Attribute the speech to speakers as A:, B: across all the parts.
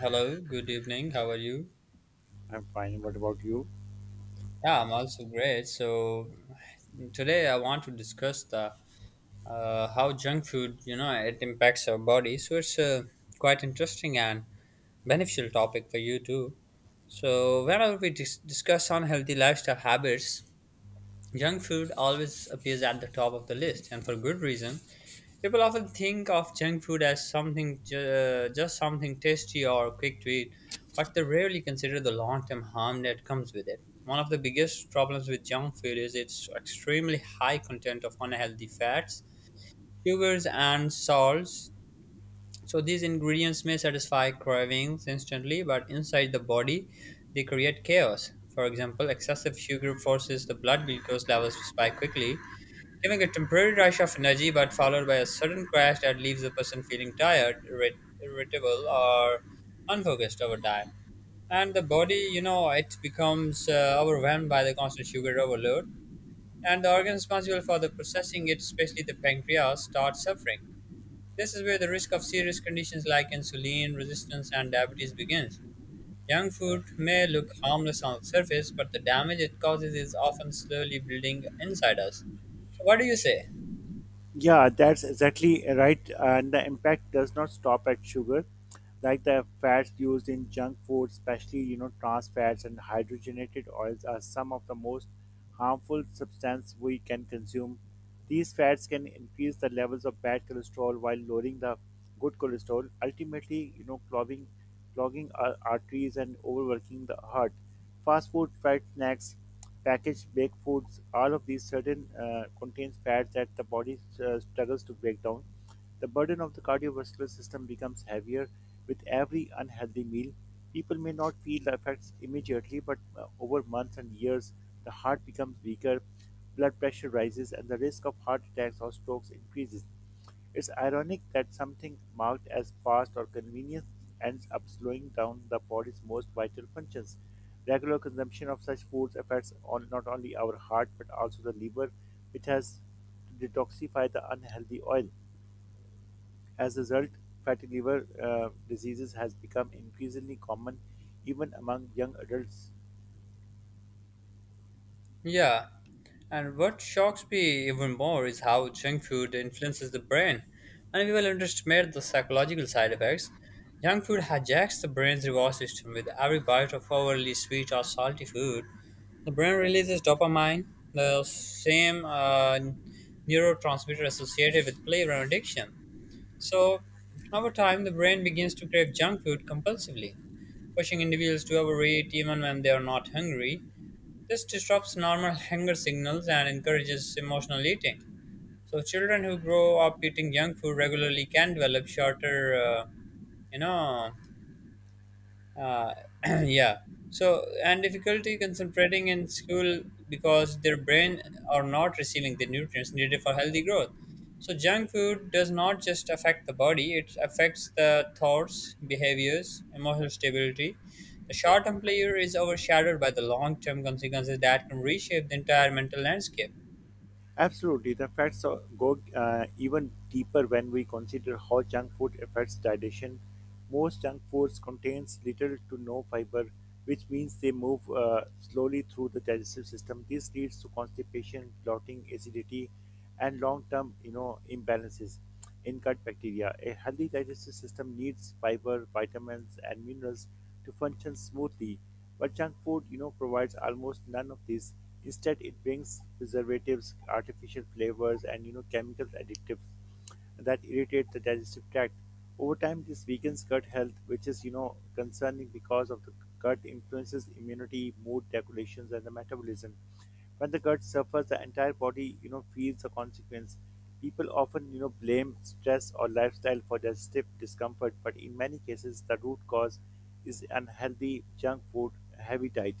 A: Hello, good evening. How are you?
B: I'm fine. What about you?
A: Yeah, I'm also great. So today I want to discuss the how junk food, you know, it impacts our body. So it's a quite interesting and beneficial topic for you too. So whenever we discuss unhealthy lifestyle habits, junk food always appears at the top of the list, and for good reason. People often think of junk food as something just something tasty or quick to eat, but they rarely consider the long-term harm that comes with it. One of the biggest problems with junk food is its extremely high content of unhealthy fats, sugars, and salts. So these ingredients may satisfy cravings instantly, but inside the body, they create chaos. For example, excessive sugar forces the blood glucose levels to spike quickly, giving a temporary rush of energy but followed by a sudden crash that leaves the person feeling tired, irritable, or unfocused over time. And the body, you know, it becomes overwhelmed by the constant sugar overload, and the organ responsible for the processing it, especially the pancreas, starts suffering. This is where the risk of serious conditions like insulin resistance and diabetes begins. Junk food may look harmless on the surface, but the damage it causes is often slowly building inside us. So, what do you say?
B: Yeah, that's exactly right. And the impact does not stop at sugar, like the fats used in junk food, especially trans fats and hydrogenated oils, are some of the most harmful substance we can consume. These fats can increase the levels of bad cholesterol while lowering the good cholesterol, ultimately, clogging, clogging our arteries and overworking the heart. Fast food, fried snacks, packaged baked foods, all of these certain contains fats that the body struggles to break down. The burden of the cardiovascular system becomes heavier with every unhealthy meal. People may not feel the effects immediately, but over months and years, the heart becomes weaker, blood pressure rises, and the risk of heart attacks or strokes increases. It's ironic that something marked as fast or convenience ends up slowing down the body's most vital functions. Regular consumption of such foods affects on not only our heart but also the liver, which has to detoxify the unhealthy oil. As a result, fatty liver diseases has become increasingly common even among young adults.
A: Yeah, and what shocks me even more is how junk food influences the brain. And people underestimate the psychological side effects. Junk food hijacks the brain's reward system with every bite of overly sweet or salty food. The brain releases dopamine, the same neurotransmitter associated with flavor and addiction. So, over time, the brain begins to crave junk food compulsively, pushing individuals to overeat even when they are not hungry. This disrupts normal hunger signals and encourages emotional eating. So children who grow up eating junk food regularly can develop you know, uh, yeah. So, and difficulty concentrating in school because their brain are not receiving the nutrients needed for healthy growth. So, junk food does not just affect the body, it affects the thoughts, behaviors, emotional stability. The short term pleasure is overshadowed by the long term consequences that can reshape the entire mental landscape.
B: Absolutely, go even deeper when we consider how junk food affects digestion. Most junk foods contains little to no fiber, which means they move slowly through the digestive system. This leads to constipation, bloating, acidity, and long-term, imbalances in gut bacteria. A healthy digestive system needs fiber, vitamins, and minerals to function smoothly. But junk food, provides almost none of these. Instead, it brings preservatives, artificial flavors, and chemical additives that irritate the digestive tract. Over time, this weakens gut health, which is concerning because of the gut influences immunity, mood regulations, and the metabolism. When the gut suffers, the entire body feels the consequence. People often blame stress or lifestyle for digestive discomfort, but in many cases, the root cause is unhealthy junk food, heavy diet.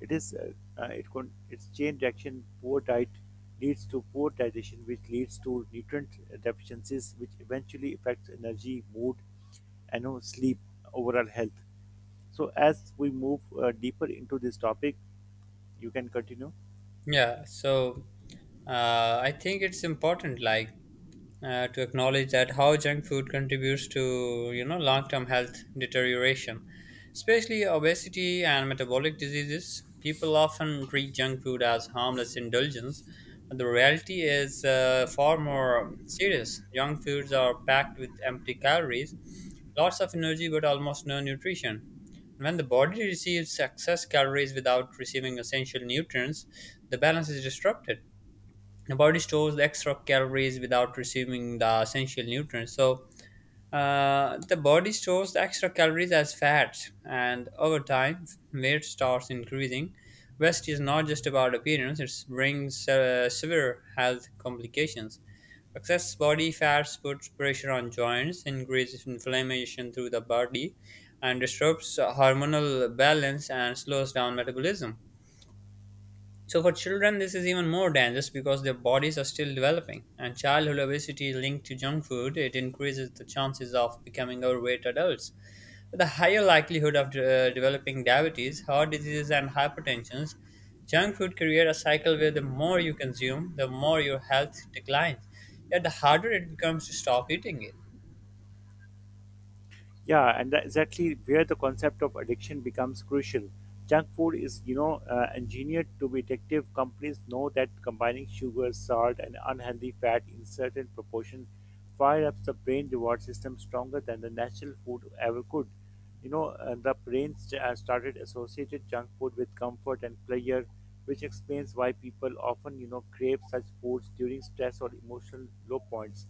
B: It is its chain reaction poor diet leads to poor digestion, which leads to nutrient deficiencies, which eventually affects energy, mood, and sleep, overall health. So as we move deeper into this topic, you can continue.
A: Yeah. So, I think it's important, like, to acknowledge that how junk food contributes to, you know, long-term health deterioration, especially obesity and metabolic diseases. People often treat junk food as harmless indulgence, but the reality is far more serious. Junk foods are packed with empty calories, lots of energy but almost no nutrition. When the body receives excess calories without receiving essential nutrients, the balance is disrupted. The body stores the extra calories without receiving the essential nutrients, so the body stores the extra calories as fat, and over time weight starts increasing. Waste is not just about appearance, it brings severe health complications. Excess body fats puts pressure on joints, increases inflammation through the body, and disrupts hormonal balance and slows down metabolism. So for children, this is even more dangerous because their bodies are still developing, and childhood obesity is linked to junk food. It increases the chances of becoming overweight adults, with a higher likelihood of developing diabetes, heart diseases, and hypertension. Junk food creates a cycle where the more you consume, the more your health declines, yet the harder it becomes to stop eating it.
B: Yeah, and that's exactly where the concept of addiction becomes crucial. Junk food is, engineered to be addictive. Companies know that combining sugar, salt, and unhealthy fat in certain proportion fire up the brain reward system stronger than the natural food ever could. The brain started associated junk food with comfort and pleasure, which explains why people often, crave such foods during stress or emotional low points.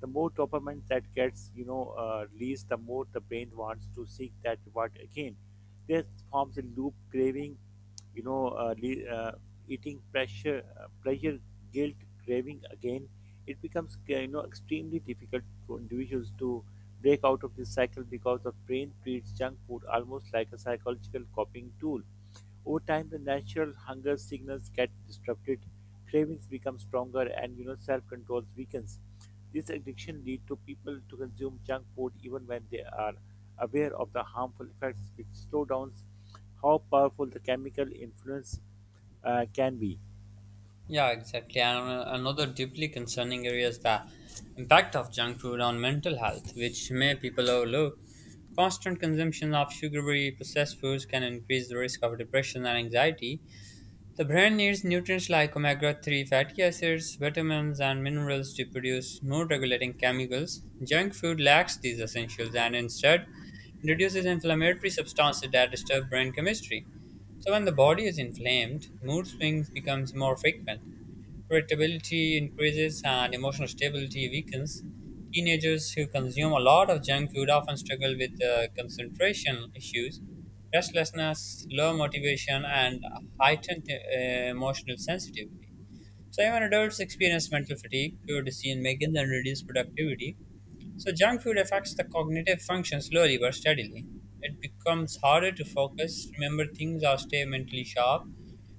B: The more dopamine that gets released, the more the brain wants to seek that reward again. This forms a loop: craving, you know uh, le- uh, eating, pressure, pleasure, guilt, craving again. It becomes extremely difficult for individuals to break out of this cycle because the brain treats junk food almost like a psychological coping tool. Over time, the natural hunger signals get disrupted, cravings become stronger, and self-control weakens. This addiction leads to people to consume junk food even when they are aware of the harmful effects, which slow down how powerful the chemical influence can be.
A: Yeah, exactly. And another deeply concerning area is the impact of junk food on mental health, which many people overlook. Constant consumption of sugary processed foods can increase the risk of depression and anxiety. The brain needs nutrients like omega 3 fatty acids, vitamins, and minerals to produce mood regulating chemicals. Junk food lacks these essentials and instead reduces inflammatory substances that disturb brain chemistry. So when the body is inflamed, mood swings becomes more frequent. Irritability increases and emotional stability weakens. Teenagers who consume a lot of junk food often struggle with concentration issues, restlessness, low motivation, and heightened emotional sensitivity. So, even adults experience mental fatigue, poor decision making, and reduced productivity. So, junk food affects the cognitive function slowly but steadily. It becomes harder to focus, remember things, or stay mentally sharp.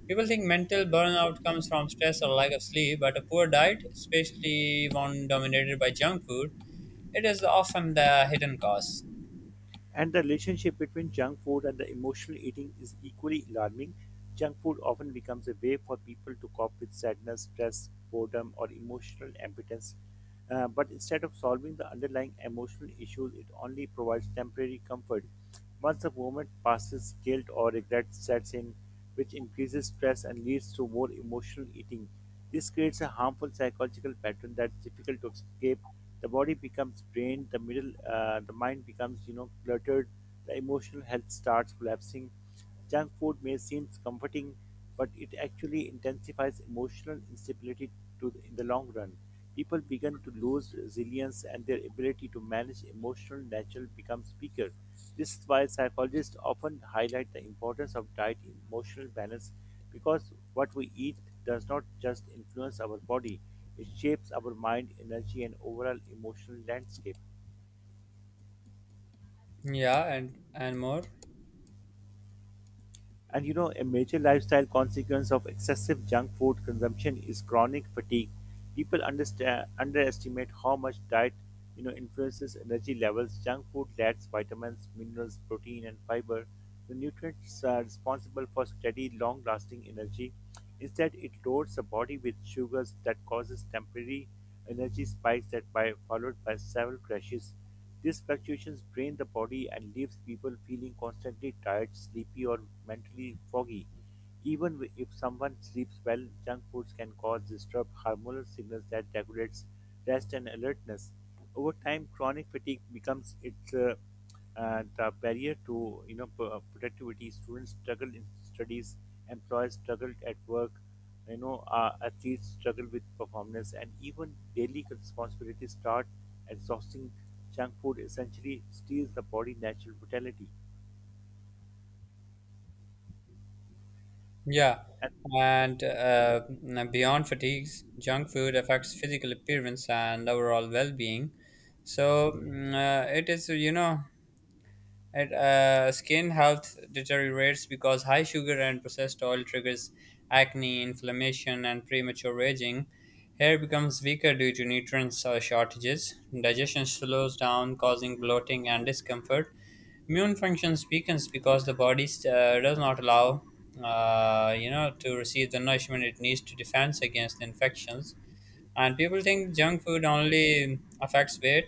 A: People think mental burnout comes from stress or lack of sleep, but a poor diet, especially one dominated by junk food, it is often the hidden cause.
B: And the relationship between junk food and the emotional eating is equally alarming. Junk food often becomes a way for people to cope with sadness, stress, boredom, or emotional impotence. But instead of solving the underlying emotional issues, it only provides temporary comfort. Once a moment passes, guilt or regret sets in, which increases stress and leads to more emotional eating. This creates a harmful psychological pattern that's difficult to escape. The body becomes drained, the mind becomes, cluttered. The emotional health starts collapsing. Junk food may seem comforting, but it actually intensifies emotional instability to the, in the long run. People begin to lose resilience and their ability to manage emotional natural becomes weaker. This is why psychologists often highlight the importance of diet in emotional balance because what we eat does not just influence our body, it shapes our mind, energy, and overall emotional landscape.
A: Yeah, and more.
B: And a major lifestyle consequence of excessive junk food consumption is chronic fatigue. People underestimate how much diet, influences energy levels. Junk food lacks vitamins, minerals, protein, and fiber, the nutrients are responsible for steady, long-lasting energy. Instead, it loads the body with sugars that causes temporary energy spikes that by followed by several crashes. These fluctuations drain the body and leaves people feeling constantly tired, sleepy, or mentally foggy. Even if someone sleeps well, junk foods can cause disturbed hormonal signals that regulates rest and alertness. Over time, chronic fatigue becomes its the barrier to productivity. Students struggle in studies, employers struggle at work, athletes struggle with performance, and even daily responsibilities start exhausting. Junk food essentially steals the body natural vitality.
A: Yeah,
B: and
A: and beyond fatigues, junk food affects physical appearance and overall well-being. So it is, you know, and skin health deteriorates because high sugar and processed oil triggers acne, inflammation, and premature aging. Hair becomes weaker due to nutrients shortages. Digestion slows down, causing bloating and discomfort. Immune functions weakens because the body does not allow, you know, to receive the nourishment it needs to defense against infections. And people think junk food only affects weight,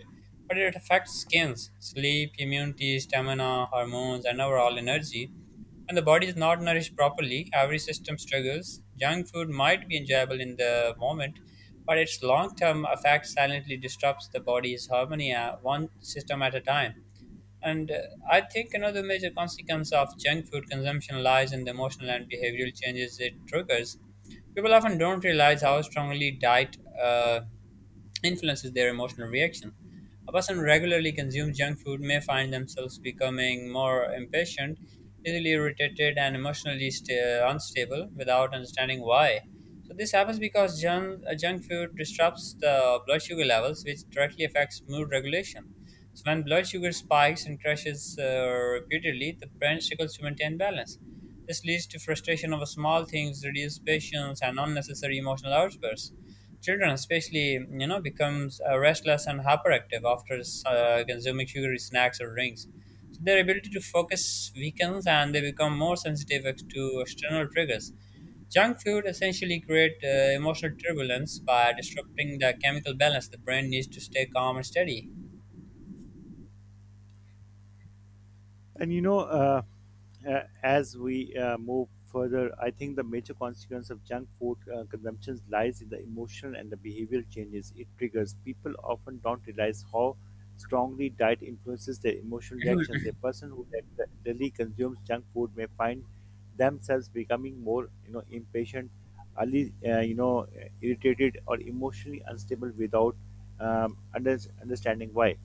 A: but it affects skins, sleep, immunity, stamina, hormones, and overall energy. When the body is not nourished properly, every system struggles. Junk food might be enjoyable in the moment, but its long term effect silently disrupts the body's harmony one system at a time. And I think another major consequence of junk food consumption lies in the emotional and behavioral changes it triggers. People often don't realize how strongly diet influences their emotional reaction. A person who regularly consumes junk food may find themselves becoming more impatient, easily irritated, and emotionally sta unstable without understanding why. So this happens because junk food disrupts the blood sugar levels, which directly affects mood regulation. So when blood sugar spikes and crashes repeatedly, the brain struggles to maintain balance. This leads to frustration over small things, reduced patience, and unnecessary emotional outbursts. Children, especially, you know, becomes restless and hyperactive after consuming sugary snacks or drinks. So their ability to focus weakens, and they become more sensitive to external triggers. Junk food essentially create emotional turbulence by disrupting the chemical balance the brain needs to stay calm and steady.
B: And as we move further, I think the major consequence of junk food consumption lies in the emotional and the behavioral changes it triggers. People often don't realize how strongly diet influences their emotional reactions. A person who regularly consumes junk food may find themselves becoming more, impatient, early, uh, you know, irritated, or emotionally unstable without understanding why.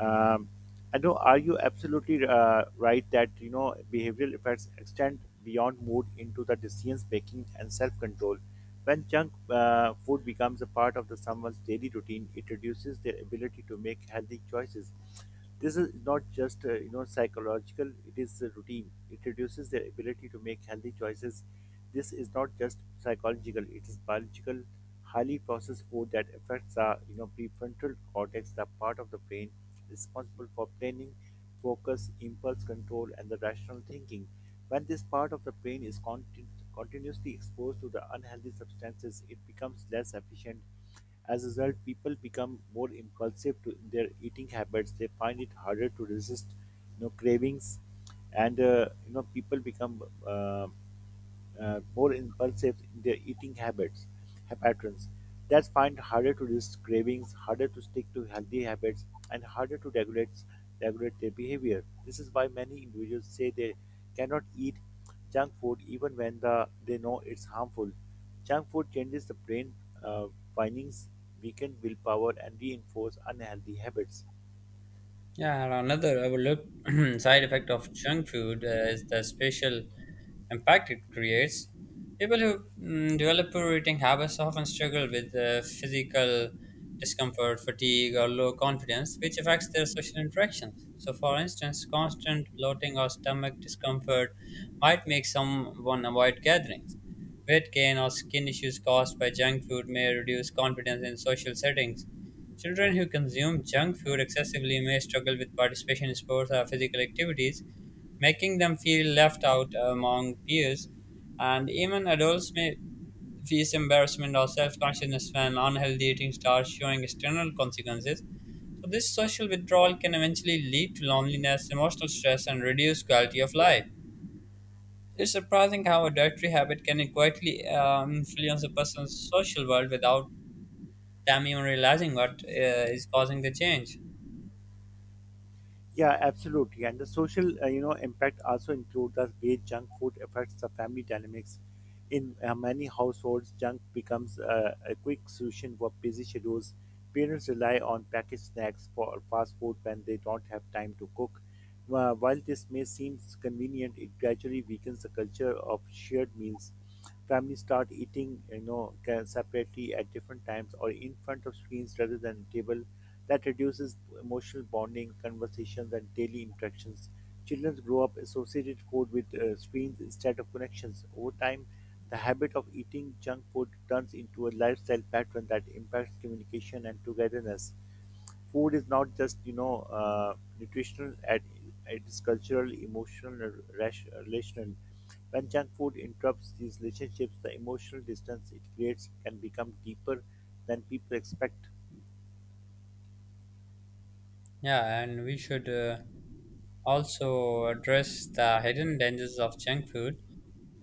B: Um, I know, are you absolutely right that behavioral effects extend beyond mood into the decisions making and self control? When junk food becomes a part of the someone's daily routine, it reduces their ability to make healthy choices. This is not just psychological; it is a routine. It reduces their ability to make healthy choices. This is not just psychological; it is biological. Highly processed food that affects our, prefrontal cortex, the part of the brain responsible for planning, focus, impulse control, and the rational thinking. When this part of the brain is continuously exposed to the unhealthy substances, it becomes less efficient. As a result, people become more impulsive to in their eating habits. They find it harder to resist, cravings, and people become more impulsive in their patterns. That's find harder to resist cravings, harder to stick to healthy habits, and harder to regulate their behavior. This is why many individuals say they cannot eat junk food even when they know it's harmful. Junk food changes the brain uh, findings, weaken willpower, and reinforce unhealthy habits.
A: Yeah, and another overlooked side effect of junk food is the spatial impact it creates. People who develop poor eating habits often struggle with physical discomfort, fatigue, or low confidence, which affects their social interactions. So, for instance, constant bloating or stomach discomfort might make someone avoid gatherings. Weight gain or skin issues caused by junk food may reduce confidence in social settings. Children who consume junk food excessively may struggle with participation in sports or physical activities, making them feel left out among peers. And even adults may face embarrassment or self consciousness when unhealthy eating starts showing external consequences. So, this social withdrawal can eventually lead to loneliness, emotional stress, and reduced quality of life. It's surprising how a dietary habit can quietly influence a person's social world without them even realizing what is causing the change.
B: Yeah, absolutely. And the social, impact also include the way junk food affects the family dynamics. In many households, junk becomes a quick solution for busy schedules. Parents rely on packaged snacks for fast food when they don't have time to cook. While this may seem convenient, it gradually weakens the culture of shared meals. Families start eating, separately at different times or in front of screens rather than table. That reduces emotional bonding, conversations, and daily interactions. Children grow up associated food with screens instead of connections. Over time, the habit of eating junk food turns into a lifestyle pattern that impacts communication and togetherness. Food is not just uh, nutritional at it's cultural, emotional, and relational. When junk food interrupts these relationships, the emotional distance it creates can become deeper than people expect.
A: Yeah, and we should also address the hidden dangers of junk food,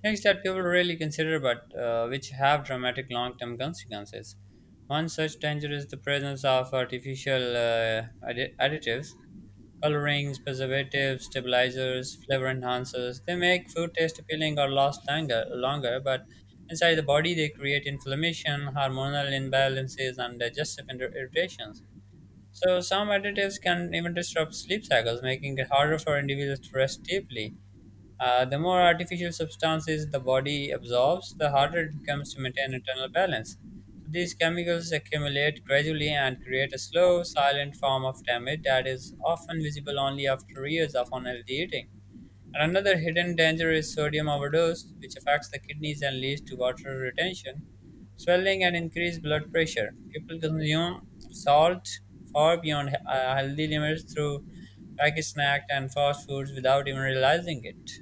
A: things that people really consider but which have dramatic long term consequences. One such danger is the presence of artificial additives, colorings, preservatives, stabilizers, flavor enhancers. They make food taste appealing or last longer, but inside the body they create inflammation, hormonal imbalances, and digestive irritations. So some additives can even disrupt sleep cycles, making it harder for individuals to rest deeply. The more artificial substances the body absorbs, the harder it becomes to maintain internal balance. These chemicals accumulate gradually and create a slow, silent form of damage that is often visible only after years of unhealthy eating. And another hidden danger is sodium overdose, which affects the kidneys and leads to water retention, swelling, and increased blood pressure. People consume salt far beyond healthy limits through packaged snacks and fast foods without even realizing it.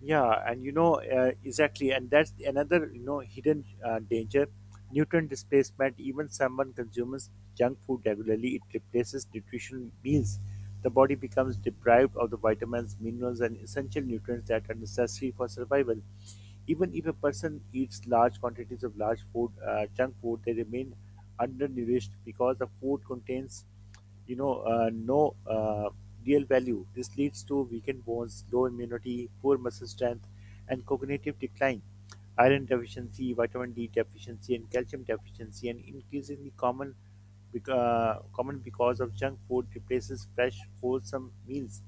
B: Yeah, and exactly, and that's another hidden danger, nutrient displacement. Even someone consumes junk food regularly, it replaces nutritional meals. The body becomes deprived of the vitamins, minerals, and essential nutrients that are necessary for survival. Even if a person eats large quantities of junk food, they remain undernourished because the food contains no real value. This leads to weakened bones, low immunity, poor muscle strength, and cognitive decline. Iron deficiency, vitamin D deficiency, and calcium deficiency, and increasingly common, common because of junk food replaces fresh, wholesome meals.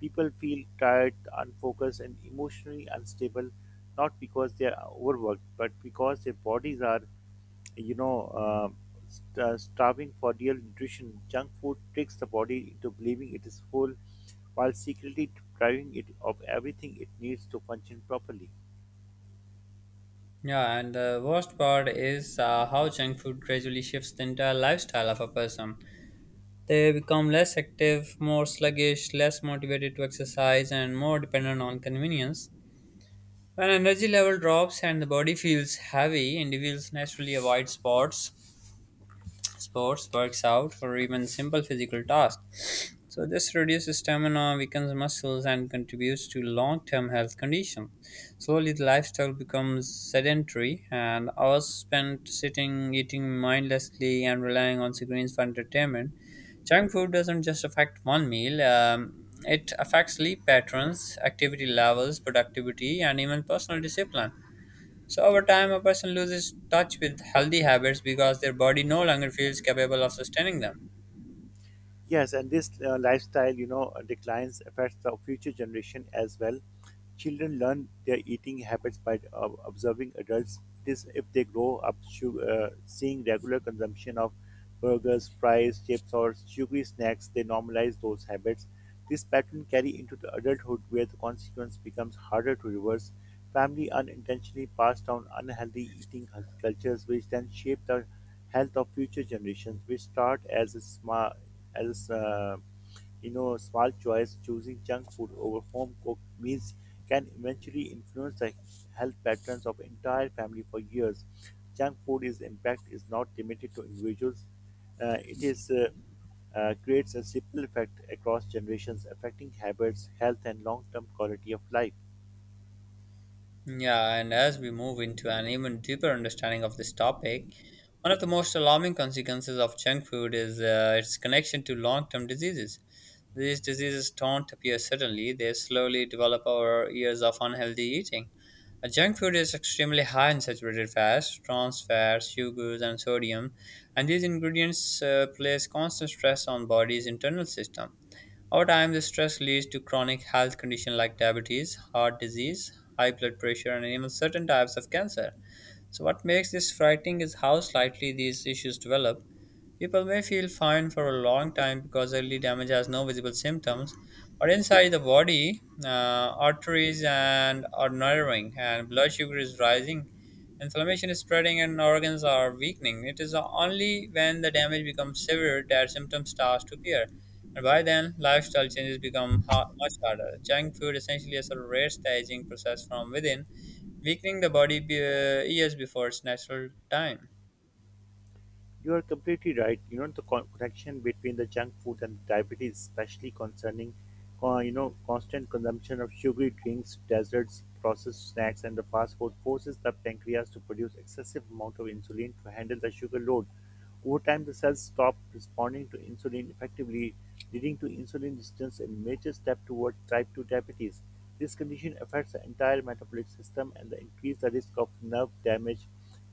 B: People feel tired, unfocused, and emotionally unstable, not because they are overworked, but because their bodies are you know, uh, starving for real nutrition. Junk food tricks the body into believing it is full while secretly depriving it of everything it needs to function properly.
A: Yeah, and the worst part is how junk food gradually shifts the entire lifestyle of a person. They become less active, more sluggish, less motivated to exercise, and more dependent on convenience. When energy level drops and the body feels heavy, individuals naturally avoid sports, works out, or even simple physical tasks. So this reduces stamina, weakens muscles, and contributes to long-term health conditions. Slowly, the lifestyle becomes sedentary, and hours spent sitting, eating mindlessly, and relying on screens for entertainment. Junk food doesn't just affect one meal; it affects sleep patterns, activity levels, productivity, and even personal discipline. So over time, a person loses touch with healthy habits because their body no longer feels capable of sustaining them.
B: Yes, and this lifestyle, declines affects the future generation as well. Children learn their eating habits by observing adults. This, if they grow up seeing regular consumption of burgers, fries, chips, or sugary snacks, they normalize those habits. This pattern carry into the adulthood, where the consequence becomes harder to reverse. Family unintentionally pass down unhealthy eating cultures, which then shape the health of future generations, which start as a small as small choice choosing junk food over home cooked meals can eventually influence the health patterns of entire family for years. Junk food is impact is not limited to individuals. Uh, it is uh, uh, creates a simple effect across generations affecting habits, health, and long-term quality of life.
A: Yeah, and as we move into an even deeper understanding of this topic, one of the most alarming consequences of junk food is its connection to long term diseases. These diseases don't appear suddenly, they slowly develop over years of unhealthy eating. Junk food is extremely high in saturated fats, trans fats, sugars, and sodium, and these ingredients place constant stress on body's internal system. Over time, this stress leads to chronic health conditions like diabetes, heart disease, high blood pressure, and even certain types of cancer. So, what makes this frightening is how slightly these issues develop. People may feel fine for a long time because early damage has no visible symptoms, but inside the body, arteries and are narrowing, and blood sugar is rising, inflammation is spreading, and organs are weakening. It is only when the damage becomes severe that symptoms start to appear. And by then, lifestyle changes become much harder. Junk food essentially accelerates the aging process from within weakening the body years before its natural time.
B: You are completely right. You know the connection between the junk food and diabetes, especially concerning, constant consumption of sugary drinks, desserts, processed snacks, and the fast food, forces the pancreas to produce excessive amount of insulin to handle the sugar load. Over time, the cells stop responding to insulin effectively, leading to insulin resistance and major step toward type 2 diabetes. This condition affects the entire metabolic system and increases the risk of nerve damage,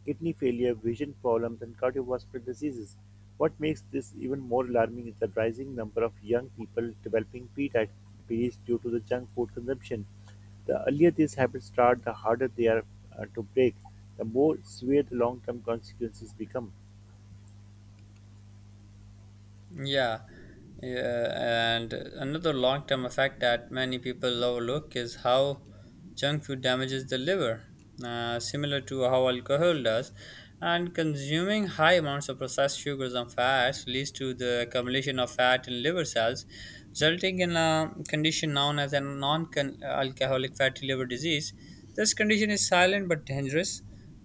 B: kidney failure, vision problems, and cardiovascular diseases. What makes this even more alarming is the rising number of young people developing pre-diabetes due to the junk food consumption. The earlier these habits start, the harder they are to break, the more severe the long term consequences become.
A: Yeah, yeah, and another long term effect that many people overlook is how junk food damages the liver, similar to how alcohol does. And consuming high amounts of processed sugars and fats leads to the accumulation of fat in liver cells, resulting in a condition known as a non alcoholic fatty liver disease. This condition is silent but dangerous.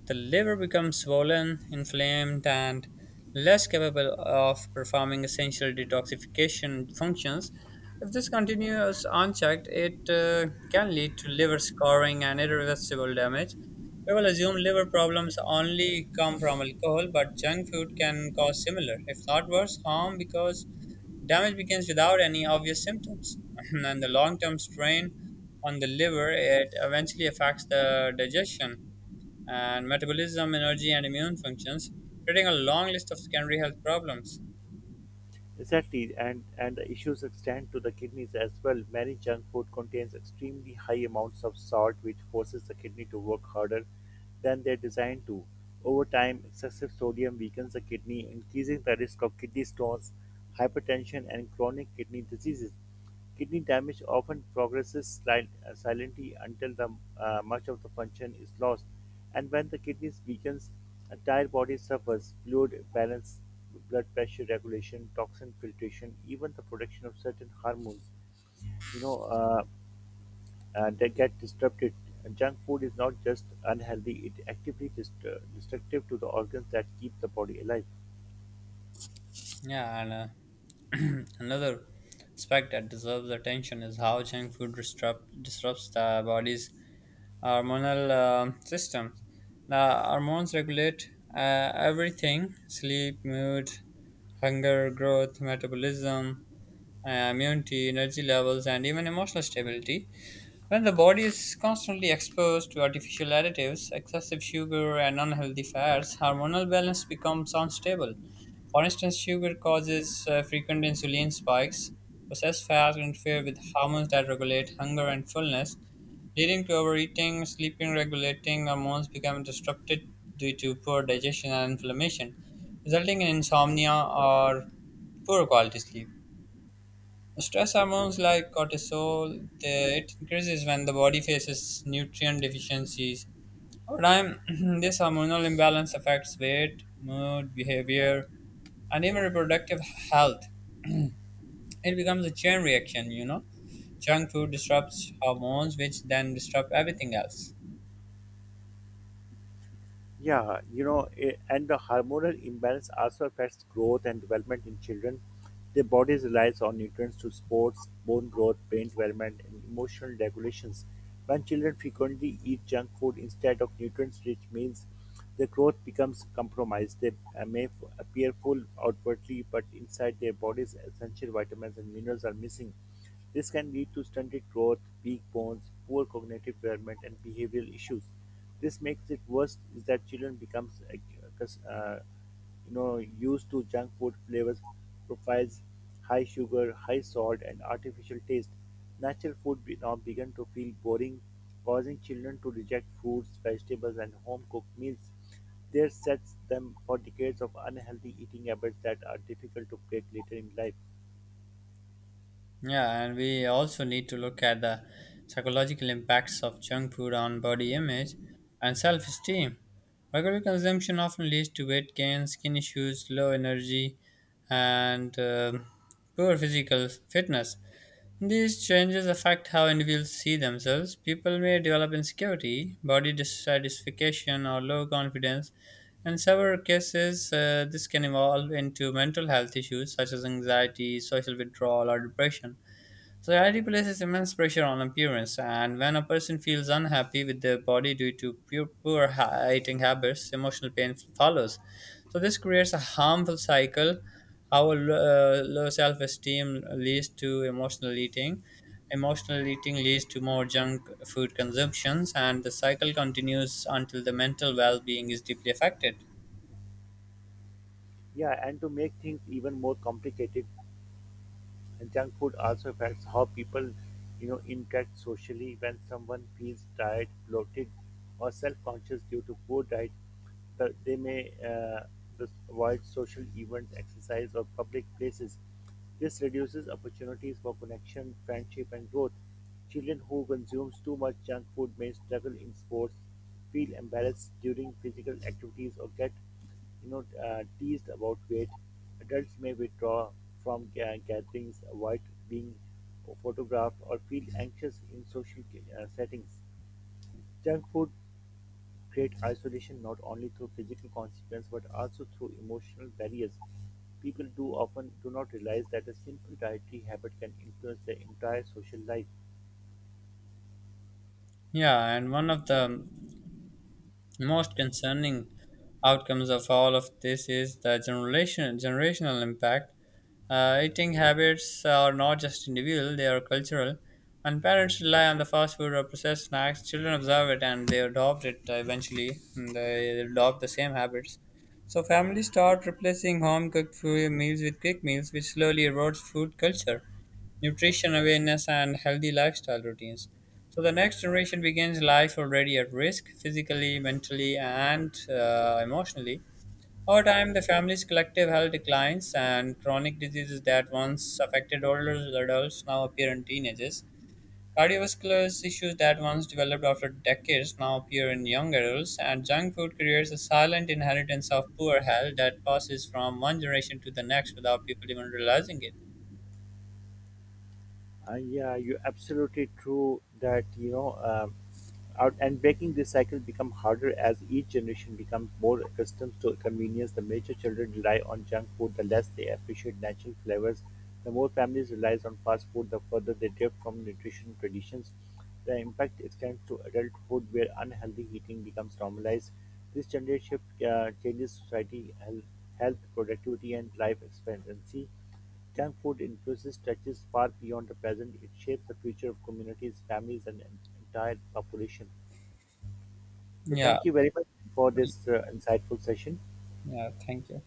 A: The liver becomes swollen, inflamed, and less capable of performing essential detoxification functions. If this continues unchecked, it can lead to liver scarring and irreversible damage. People assume liver problems only come from alcohol, but junk food can cause similar, if not worse, harm because damage begins without any obvious symptoms. And the long term strain on the liver, it eventually affects the digestion and metabolism, energy, and immune functions, creating a long list of secondary health problems.
B: Exactly, and the issues extend to the kidneys as well. Many junk food contains extremely high amounts of salt, which forces the kidney to work harder than they're designed to. Over time, excessive sodium weakens the kidney, increasing the risk of kidney stones, hypertension, and chronic kidney diseases. Kidney damage often progresses silently until much of the function is lost, and when the kidneys weakens, entire body suffers. Fluid balance, blood pressure regulation, toxin filtration, even the production of certain hormones, you know, uh, they get disrupted. And junk food is not just unhealthy; it actively destructive to the organs that keep the body alive.
A: Yeah, and another aspect that deserves attention is how junk food disrupts the body's hormonal system. The hormones regulate everything sleep, mood, hunger, growth, metabolism, immunity, energy levels, and even emotional stability. When the body is constantly exposed to artificial additives, excessive sugar, and unhealthy fats, hormonal balance becomes unstable. For instance, sugar causes frequent insulin spikes. Processed fats interfere with hormones that regulate hunger and fullness leading to overeating, sleeping regulating hormones become disrupted due to poor digestion and inflammation, resulting in insomnia or poor quality sleep. Stress hormones like cortisol, it increases when the body faces nutrient deficiencies. Over time, this hormonal imbalance affects weight, mood, behavior, and even reproductive health. It becomes a chain reaction, you know. Junk food disrupts hormones, which then disrupt everything else.
B: Yeah, you know, and the hormonal imbalance also affects growth and development in children. Their bodies relies on nutrients to sports, bone growth, brain development, and emotional regulations. When children frequently eat junk food instead of nutrients-rich meals, their growth becomes compromised. They appear full outwardly, but inside their bodies, essential vitamins and minerals are missing. This can lead to stunted growth, weak bones, poor cognitive development, and behavioral issues. This makes it worse is that children becomes uh, used to junk food flavors profiles, high sugar, high salt, and artificial taste. Now began to feel boring, causing children to reject fruits, vegetables, and home cooked meals. This sets them for decades of unhealthy eating habits that are difficult to break later in life.
A: Yeah, and we also need to look at the psychological impacts of junk food on body image and self esteem. Regular consumption often leads to weight gain, skin issues, low energy, and poor physical fitness. These changes affect how individuals see themselves. People may develop insecurity, body dissatisfaction, or low confidence. In several cases, this can evolve into mental health issues such as anxiety, social withdrawal, or depression. Society places immense pressure on appearance, and when a person feels unhappy with their body due to poor eating habits, emotional pain follows. So, this creates a harmful cycle. How a low self esteem leads to emotional eating leads to more junk food consumptions, and the cycle continues until the mental well being is deeply affected.
B: Yeah, and to make things even more complicated, junk food also affects how people, you know, interact socially. When someone feels tired, bloated, or self-conscious due to poor diet, they may thus avoid social events, exercise, or public places. This reduces opportunities for connection, friendship, and growth. Children who consume too much junk food may struggle in sports, feel embarrassed during physical activities, or get teased about weight. Adults may withdraw from gatherings, avoid being photographed, or feel anxious in social settings. Junk food creates isolation not only through physical consequence but also through emotional barriers. People do often do not realize that a simple dietary habit can influence their entire social life.
A: Yeah, and one of the most concerning outcomes of all of this is the generational impact. Eating habits are not just individual, they are cultural. When parents rely on the fast food or processed snacks, children observe it and they adopt it eventually. And they adopt the same habits. So families start replacing home cooked food meals with quick meals, which slowly erodes food culture nutrition awareness, and healthy lifestyle routines. So the next generation begins life already at risk, physically, mentally, and emotionally. Over time, the family's collective health declines, and chronic diseases that once affected older adults now appear in teenagers. Cardiovascular issues that once developed after decades now appear in young adults, and junk food creates a silent inheritance of poor health that passes from one generation to the next without people even realizing it.
B: Yeah, you're absolutely true that you know, out and breaking this cycle become harder as each generation becomes more accustomed to convenience. The major children rely on junk food, the less they appreciate natural flavors. The more families relies on fast food, the further they drift from nutrition traditions. The impact extends to adulthood, where unhealthy eating becomes normalized. This gender shift changes society, health, productivity, and life expectancy. Junk food influence stretches far beyond the present. It shapes the future of communities, families, and entire population. So,
A: Yeah,
B: thank you very much for this insightful session.
A: yeah, thank you.